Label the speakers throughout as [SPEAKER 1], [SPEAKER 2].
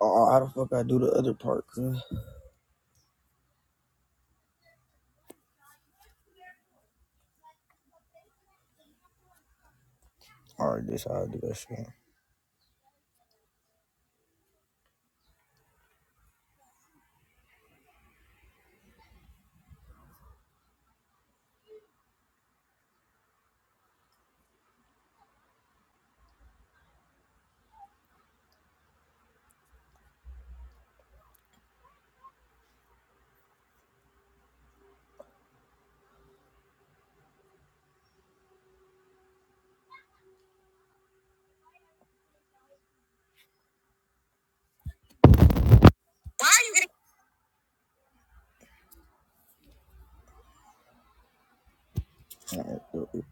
[SPEAKER 1] Oh, how the fuck I do the other part, cuz? Alright, this how I do that shit. Alright, do it.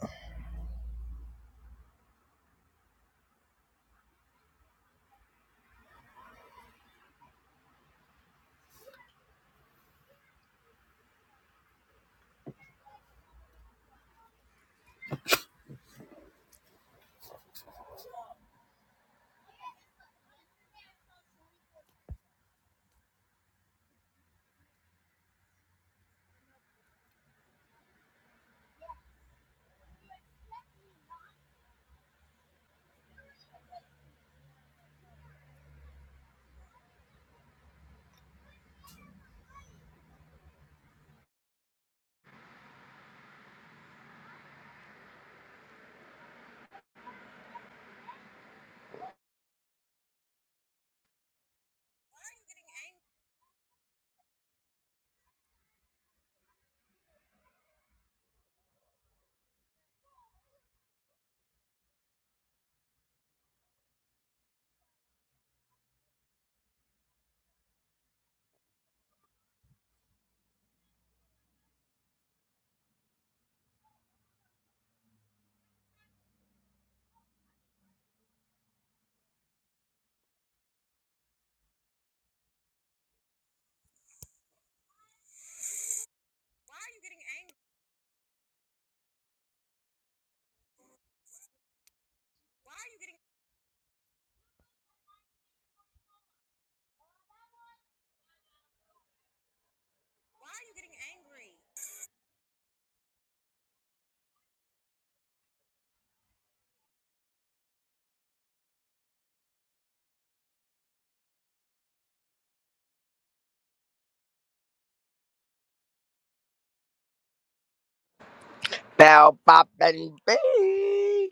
[SPEAKER 1] Bow pop and bang.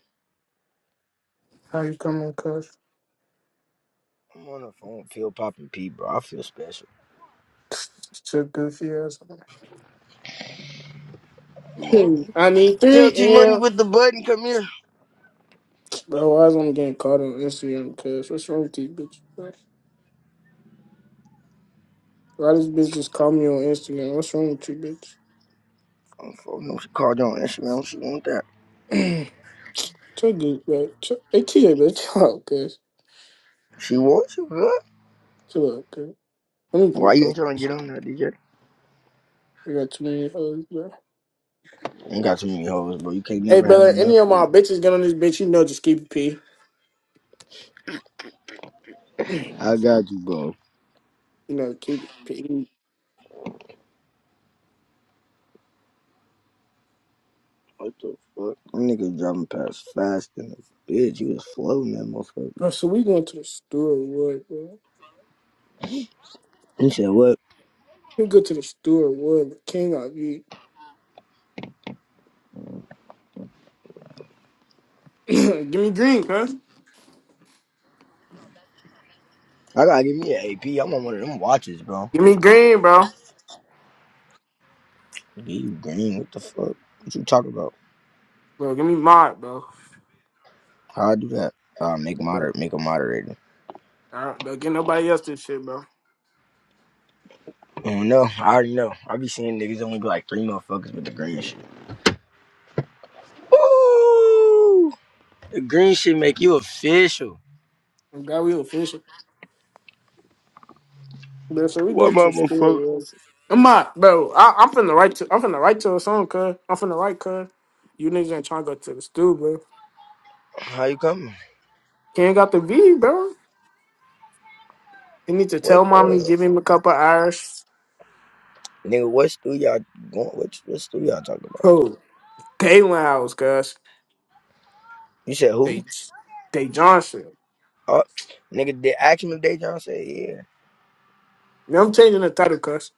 [SPEAKER 2] How you coming, cuz?
[SPEAKER 1] I'm on the phone Pill Pop and P, bro. I feel special.
[SPEAKER 2] To goofy ass.
[SPEAKER 1] Oh,
[SPEAKER 2] Hmm, I need
[SPEAKER 1] Tell
[SPEAKER 2] three
[SPEAKER 1] T Money
[SPEAKER 2] L.
[SPEAKER 1] with the button, come here.
[SPEAKER 2] Bro, why is I'm getting caught on Instagram, cuz? What's wrong with you, bitch? Why this bitch just call me on Instagram? What's wrong with you,
[SPEAKER 1] I'm phone no. She called you on Instagram. She want that.
[SPEAKER 2] bitch? Chill good, bro. Chill- Hey, TJ, bro. Chill out, cuz.
[SPEAKER 1] She wants you, bro.
[SPEAKER 2] Chill out, cuz. Let me
[SPEAKER 1] Why you
[SPEAKER 2] repost
[SPEAKER 1] ain't
[SPEAKER 2] this
[SPEAKER 1] trying to get
[SPEAKER 2] shit.
[SPEAKER 1] on that, DJ?
[SPEAKER 2] I got too many hoes, bro.
[SPEAKER 1] Ain't got too many hoes, bro. You can't
[SPEAKER 2] Hey,
[SPEAKER 1] never have
[SPEAKER 2] brother, any
[SPEAKER 1] enough.
[SPEAKER 2] of my
[SPEAKER 1] bro.
[SPEAKER 2] bitches get on this bitch, you know, just keep it P. you
[SPEAKER 1] I got you, bro.
[SPEAKER 2] know, keep it P.
[SPEAKER 1] What the fuck? Them niggas driving past fast in this bitch. You was floating that
[SPEAKER 2] Bro,
[SPEAKER 1] motherfucker.
[SPEAKER 2] so we going to the store, what, bro?
[SPEAKER 1] He said, what?
[SPEAKER 2] We go to the store, what? King of you. give me green, cuz.
[SPEAKER 1] I gotta give me an AP. I'm on one of them watches, bro.
[SPEAKER 2] Give me green, bro.
[SPEAKER 1] Yeah, you green? What the fuck? What you talking about?
[SPEAKER 2] Bro, give me mod, bro.
[SPEAKER 1] How I do that? Uh, make
[SPEAKER 2] Bro,
[SPEAKER 1] moder? make a moderator.
[SPEAKER 2] I don't, don't get nobody else this shit, bro.
[SPEAKER 1] I don't know. I already know. I be seeing niggas only be like three motherfuckers with the green shit. Ooh, the green shit make you official.
[SPEAKER 2] I'm glad we official. Bro, so we going
[SPEAKER 1] What
[SPEAKER 2] to school,
[SPEAKER 1] motherfucker?
[SPEAKER 2] bro. I'm not, bro. I, I'm finna write to. I'm finna write to a song, cuz. I'm finna write, cuz. You niggas ain't trying to go to the school, bro.
[SPEAKER 1] How you coming?
[SPEAKER 2] Can't got the V, bro. You need to
[SPEAKER 1] What
[SPEAKER 2] tell mommy,
[SPEAKER 1] uh,
[SPEAKER 2] give him a couple hours.
[SPEAKER 1] nigga? What school y'all going? What what school y'all talking about?
[SPEAKER 2] Bro, they went house, cuz.
[SPEAKER 1] You said
[SPEAKER 2] They,
[SPEAKER 1] who?
[SPEAKER 2] they Johnson.
[SPEAKER 1] Uh, nigga, did action of day John said yeah.
[SPEAKER 2] I'm changing the title, cuz.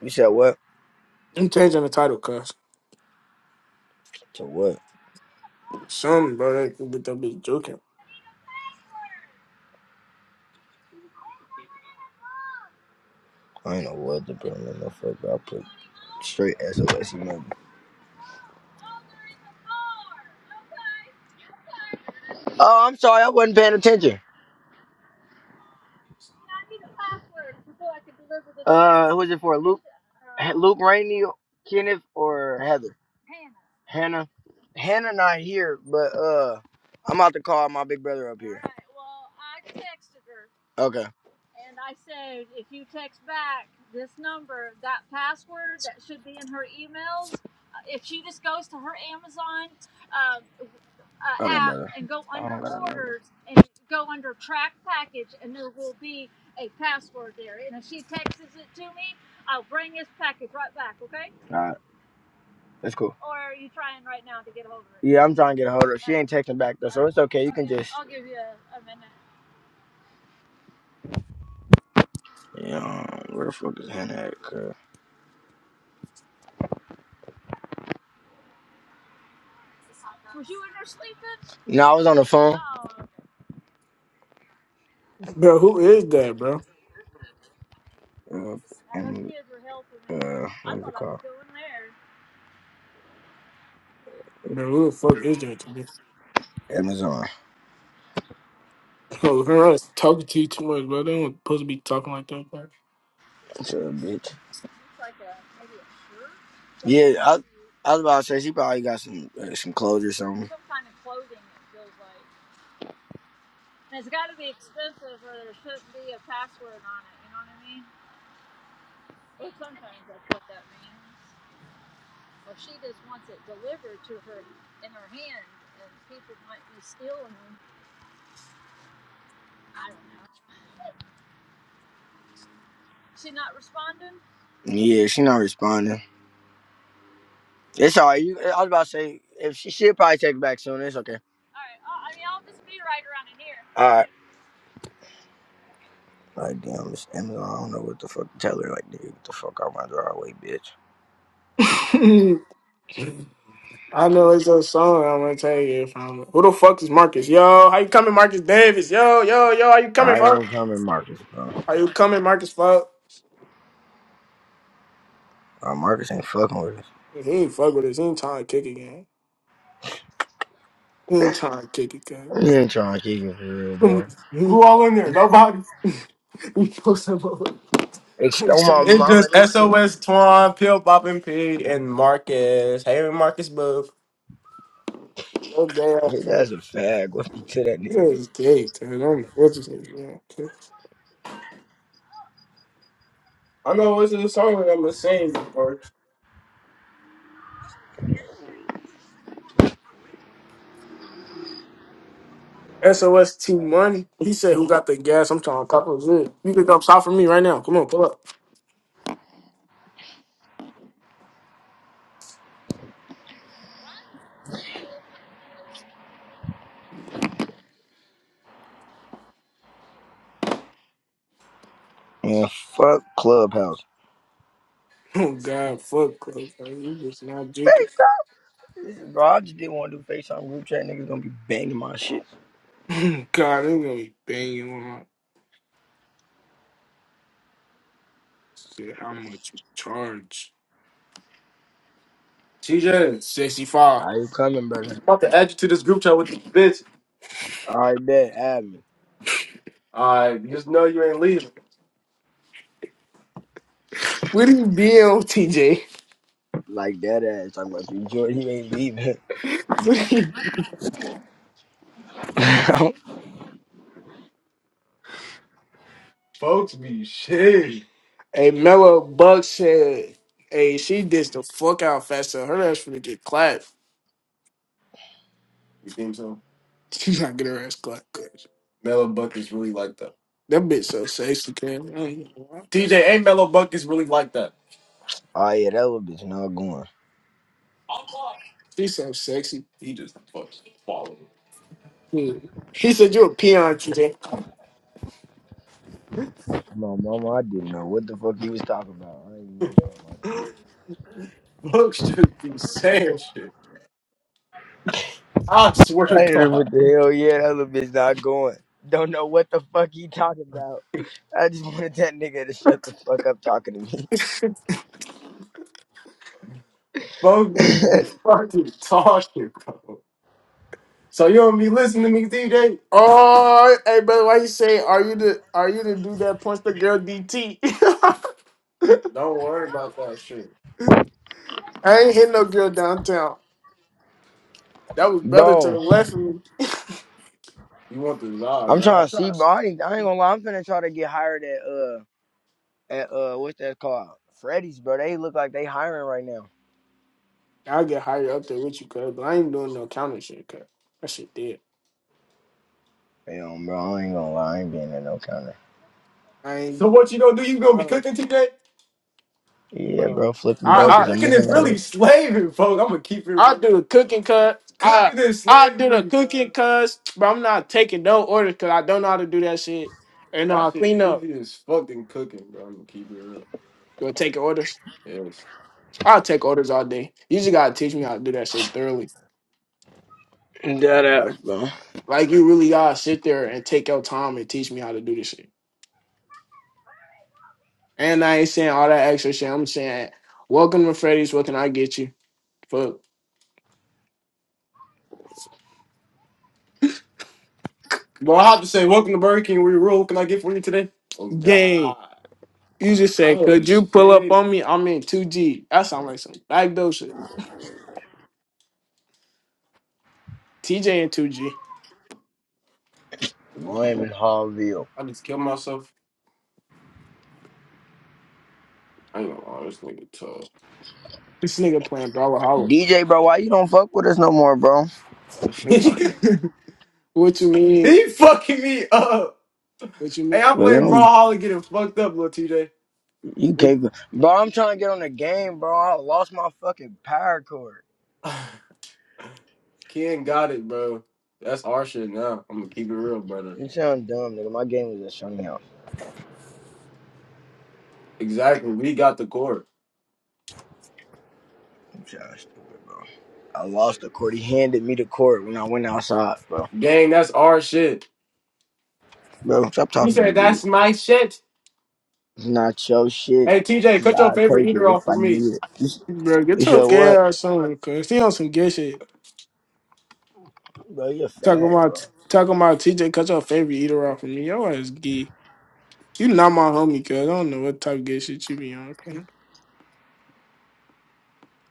[SPEAKER 1] You said what?
[SPEAKER 2] I'm changing the title, cuz.
[SPEAKER 1] To what?
[SPEAKER 2] Some, bro, they, they be joking.
[SPEAKER 1] I ain't know what to put in the motherfucker. I put straight SOS emoji. Oh, I'm sorry, I wasn't paying attention. Uh, who is it for? Luke, Luke Rainey, Kenneth, or Heather? Hannah. Hannah not here, but uh, I'm about to call my big brother up here. Okay. Uh, App and go under orders and go under track package, and there will be. All right. That's cool. Yeah, I'm trying to get a hold of her. She ain't texting back though, so it's okay. You can just. minute. Yeah, um, where the fuck is Hannah at? girl? No, I was on the phone.
[SPEAKER 2] Bro, who is that, bro?
[SPEAKER 1] Oh, okay. Uh, and uh, what's it called?
[SPEAKER 2] Bro, who the fuck is that?
[SPEAKER 1] Amazon.
[SPEAKER 2] Bro, her ass talking to you too much, bro. They don't supposed to be talking like that, bro.
[SPEAKER 1] What's up, bitch? Yeah, I, I was about to say she probably got some uh, some clothes or something. like. Yeah, she not responding. It's all right. You, I was about to say if she she'll probably text back soon. It's okay. All right. Like, damn, Miss Amazon. I don't know what the fuck to tell her. Like, nigga, get the fuck out my driveway, bitch.
[SPEAKER 2] I know it's a song. I'm gonna tell you if I'm. Who the fuck is Marcus? Yo, how you coming, Marcus Davis? Yo, yo, yo, how you coming,
[SPEAKER 1] I
[SPEAKER 2] fuck?
[SPEAKER 1] ain't coming, Marcus, bro.
[SPEAKER 2] Are you coming, Marcus? Fuck.
[SPEAKER 1] Uh, Marcus ain't fucking with us.
[SPEAKER 2] He ain't fuck with us. He ain't trying to kick again. He ain't trying to kick again.
[SPEAKER 1] He ain't trying to kick it for real, bro.
[SPEAKER 2] Who all in there? Nobody. we post them over. It's
[SPEAKER 1] Extol my mama,
[SPEAKER 2] just
[SPEAKER 1] this bitch.
[SPEAKER 2] SOS Twan, Pill Boppin' Pig, and Marcus. Hey, Marcus, boo. No gay ass,
[SPEAKER 1] His
[SPEAKER 2] man.
[SPEAKER 1] ass a fag. What be to that nigga?
[SPEAKER 2] Yeah, he's gay, dude. I'm what's his name? Yeah, okay. I know what's the song that I'm gonna sing, bro. SOS Team Money. He said, "Who got the gas?" I'm trying to cop a zip. You can come stop for me right now. Come on, pull up.
[SPEAKER 1] Man, fuck Clubhouse.
[SPEAKER 2] Oh God, fuck, bro. Like, You just not
[SPEAKER 1] Man,
[SPEAKER 2] drinking.
[SPEAKER 1] stop this, bro. I just didn't want to do FaceTime group chat. Niggas gonna be banging my shit.
[SPEAKER 2] God, they're gonna be banging on. Shit, how much you charge? TJ, sixty-five.
[SPEAKER 1] How you coming, brother?
[SPEAKER 2] about to add you to this group chat with this
[SPEAKER 1] All right, bet. Add me.
[SPEAKER 2] bitch. Uh, What are you being on, TJ?
[SPEAKER 1] Like that ass. Talking about you, Jordan. You ain't leaving. oh,
[SPEAKER 2] What are you? Hey, Mello Buck said, "Hey, she dissed the fuck out faster. Her ass finna get clapped. You think so? She's not getting her ass clapped. Cause Mellow Buck is really like that. that bitch so sexy, man. I ain't gonna lie. TJ, ain't Mellow Buck is really like that.
[SPEAKER 1] yeah, that little bitch not going.
[SPEAKER 2] She's so sexy. He just fucking falling. Hmm. He said you a peon T J.
[SPEAKER 1] No, mama, I didn't know what the fuck he was talking about. I ain't know about my shit.
[SPEAKER 2] Folks just be saying shit. I swear to
[SPEAKER 1] I hit him with
[SPEAKER 2] God.
[SPEAKER 1] the hell yeah, that little bitch not going. Don't know what the fuck he talking about. I just wanted that nigga to shut the fuck up talking to
[SPEAKER 2] Folks
[SPEAKER 1] me.
[SPEAKER 2] just be fucking talking, bro. So you don't be listening to me, DJ. Oh, hey, brother, why you say, are you the are you the dude that punched the girl DT? Don't worry about that shit. I ain't hit no girl downtown. That was brother to the
[SPEAKER 1] bro,
[SPEAKER 2] left of me. You want the vibe,
[SPEAKER 1] I'm
[SPEAKER 2] nah?
[SPEAKER 1] trying to see, bro. I ain't, I ain't gonna lie, I'm finna try to get hired at uh at uh what's that called? Freddy's, bro. They look like they hiring right now.
[SPEAKER 2] I'll get higher up there with you, cuz, but I ain't doing no counter shit, cuz. That shit dead.
[SPEAKER 1] Damn, bro, I ain't gonna lie, I ain't being at no counter.
[SPEAKER 2] I ain't. So what you gonna do? You gonna be Uh, cooking today?
[SPEAKER 1] Yeah,
[SPEAKER 2] bro.
[SPEAKER 1] bro,
[SPEAKER 2] my
[SPEAKER 1] flipping
[SPEAKER 2] I
[SPEAKER 1] burgers. I'm
[SPEAKER 2] cooking is
[SPEAKER 1] looking at
[SPEAKER 2] really
[SPEAKER 1] work.
[SPEAKER 2] slaving, folks. I'm gonna keep it I I real. do the cooking cuz I Cooking is I do the slavery, cooking bro. cuz, but I'm not taking no orders cuz I don't know how to do that shit. And know That how to shit clean up. easy as fucking cooking, bro. I'm gonna keep it real. Do I take orders? Yes. I'll take orders all day. You just gotta teach me how to do that shit thoroughly.
[SPEAKER 1] That ass, bro.
[SPEAKER 2] Like you really gotta sit there and take your time and teach me how to do this shit. And I ain't saying all that extra shit. I'm saying, welcome to Freddy's. What can I get you? Fuck. Bro, I have to say, welcome to Burger King. We rule. Can I get for you today? Oh Gang, God. you just said, Oh could you pull up shit. on me? I'm in 2G. That sound like some backdoor shit. TJ and 2G.
[SPEAKER 1] Blame and Hallville.
[SPEAKER 2] I just killed myself. I ain't gonna lie, this nigga tough. This nigga playing Brawler Hollow.
[SPEAKER 1] DJ, bro, why you don't fuck with us no more, bro?
[SPEAKER 2] What you, He what you mean? he fucking me up. What you Hey, mean? I'm
[SPEAKER 1] Well, you
[SPEAKER 2] playing Brawl
[SPEAKER 1] don't,
[SPEAKER 2] Holly getting fucked up, little TJ.
[SPEAKER 1] you
[SPEAKER 2] What
[SPEAKER 1] can't, bro. I'm trying to get on the game, bro. I lost my fucking power cord.
[SPEAKER 2] Ken got it, bro. That's our shit now. I'm gonna keep it real, brother.
[SPEAKER 1] You sound dumb, nigga. My game was at Sunny House.
[SPEAKER 2] Exactly. We got the core.
[SPEAKER 1] You sound stupid, bro. I lost the cord. He handed me the cord when I went outside, bro.
[SPEAKER 2] Gang, that's our shit.
[SPEAKER 1] Bro, stop
[SPEAKER 2] You
[SPEAKER 1] talking to
[SPEAKER 2] said
[SPEAKER 1] me, bitch.
[SPEAKER 2] that's my shit.
[SPEAKER 1] It's not your shit,
[SPEAKER 2] Hey TJ,
[SPEAKER 1] cause
[SPEAKER 2] cut your
[SPEAKER 1] I'll
[SPEAKER 2] favorite
[SPEAKER 1] take it
[SPEAKER 2] eater off
[SPEAKER 1] if I
[SPEAKER 2] for me.
[SPEAKER 1] need it. You, s-
[SPEAKER 2] Bro,
[SPEAKER 1] you
[SPEAKER 2] get your
[SPEAKER 1] said
[SPEAKER 2] gay
[SPEAKER 1] what?
[SPEAKER 2] ass on, cuz. He on some gay shit.
[SPEAKER 1] Bro, you a
[SPEAKER 2] Talking
[SPEAKER 1] fag, bro.
[SPEAKER 2] about, talking about TJ, cut your favorite eater off for me. Your ass gay. You not my homie, cuz. I don't know what type of gay shit you be on, cuz.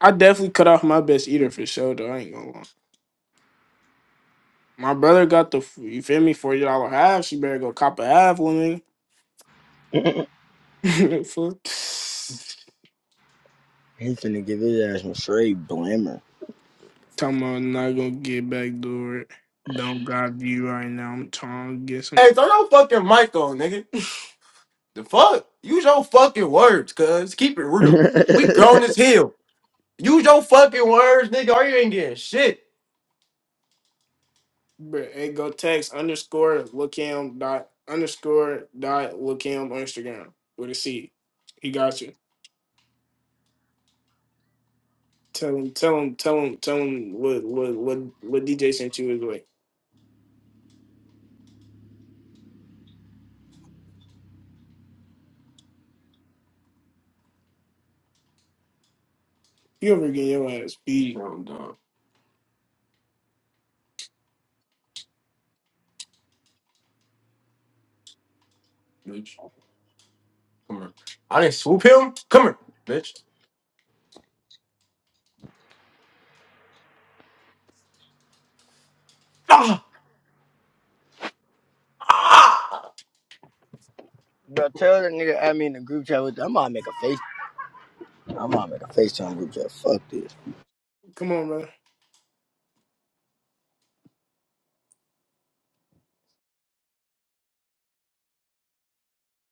[SPEAKER 2] I definitely cut off my best eater for sure, though. I ain't gonna lie. My brother got the, you feel me, $40 half. She better go cop a half, woman. Fuck.
[SPEAKER 1] He's finna give his ass some straight blammer.
[SPEAKER 2] Talking about not gonna get backdoored. Don't got view right now. I'm trying to get some. Hey, throw your fucking mic on, nigga. The fuck? Use your fucking words, cuz. Keep it real. We grown as hell. Use your fucking words, nigga, or you ain't getting shit. Bruh, hey, go text underscore look him dot underscore dot look him on Instagram with a C. He got you. Tell him, tell him, tell him, tell him what what what what DJ sent you his way. You ever get your ass beat? I'm done, bitch. Come on. I didn't swoop him. Come here, bitch. Ah, ah.
[SPEAKER 1] Bro, tell the nigga add me in the group chat with. I'm gonna make a face. I'm gonna make a FaceTime group chat. Fuck this.
[SPEAKER 2] Come on, brother.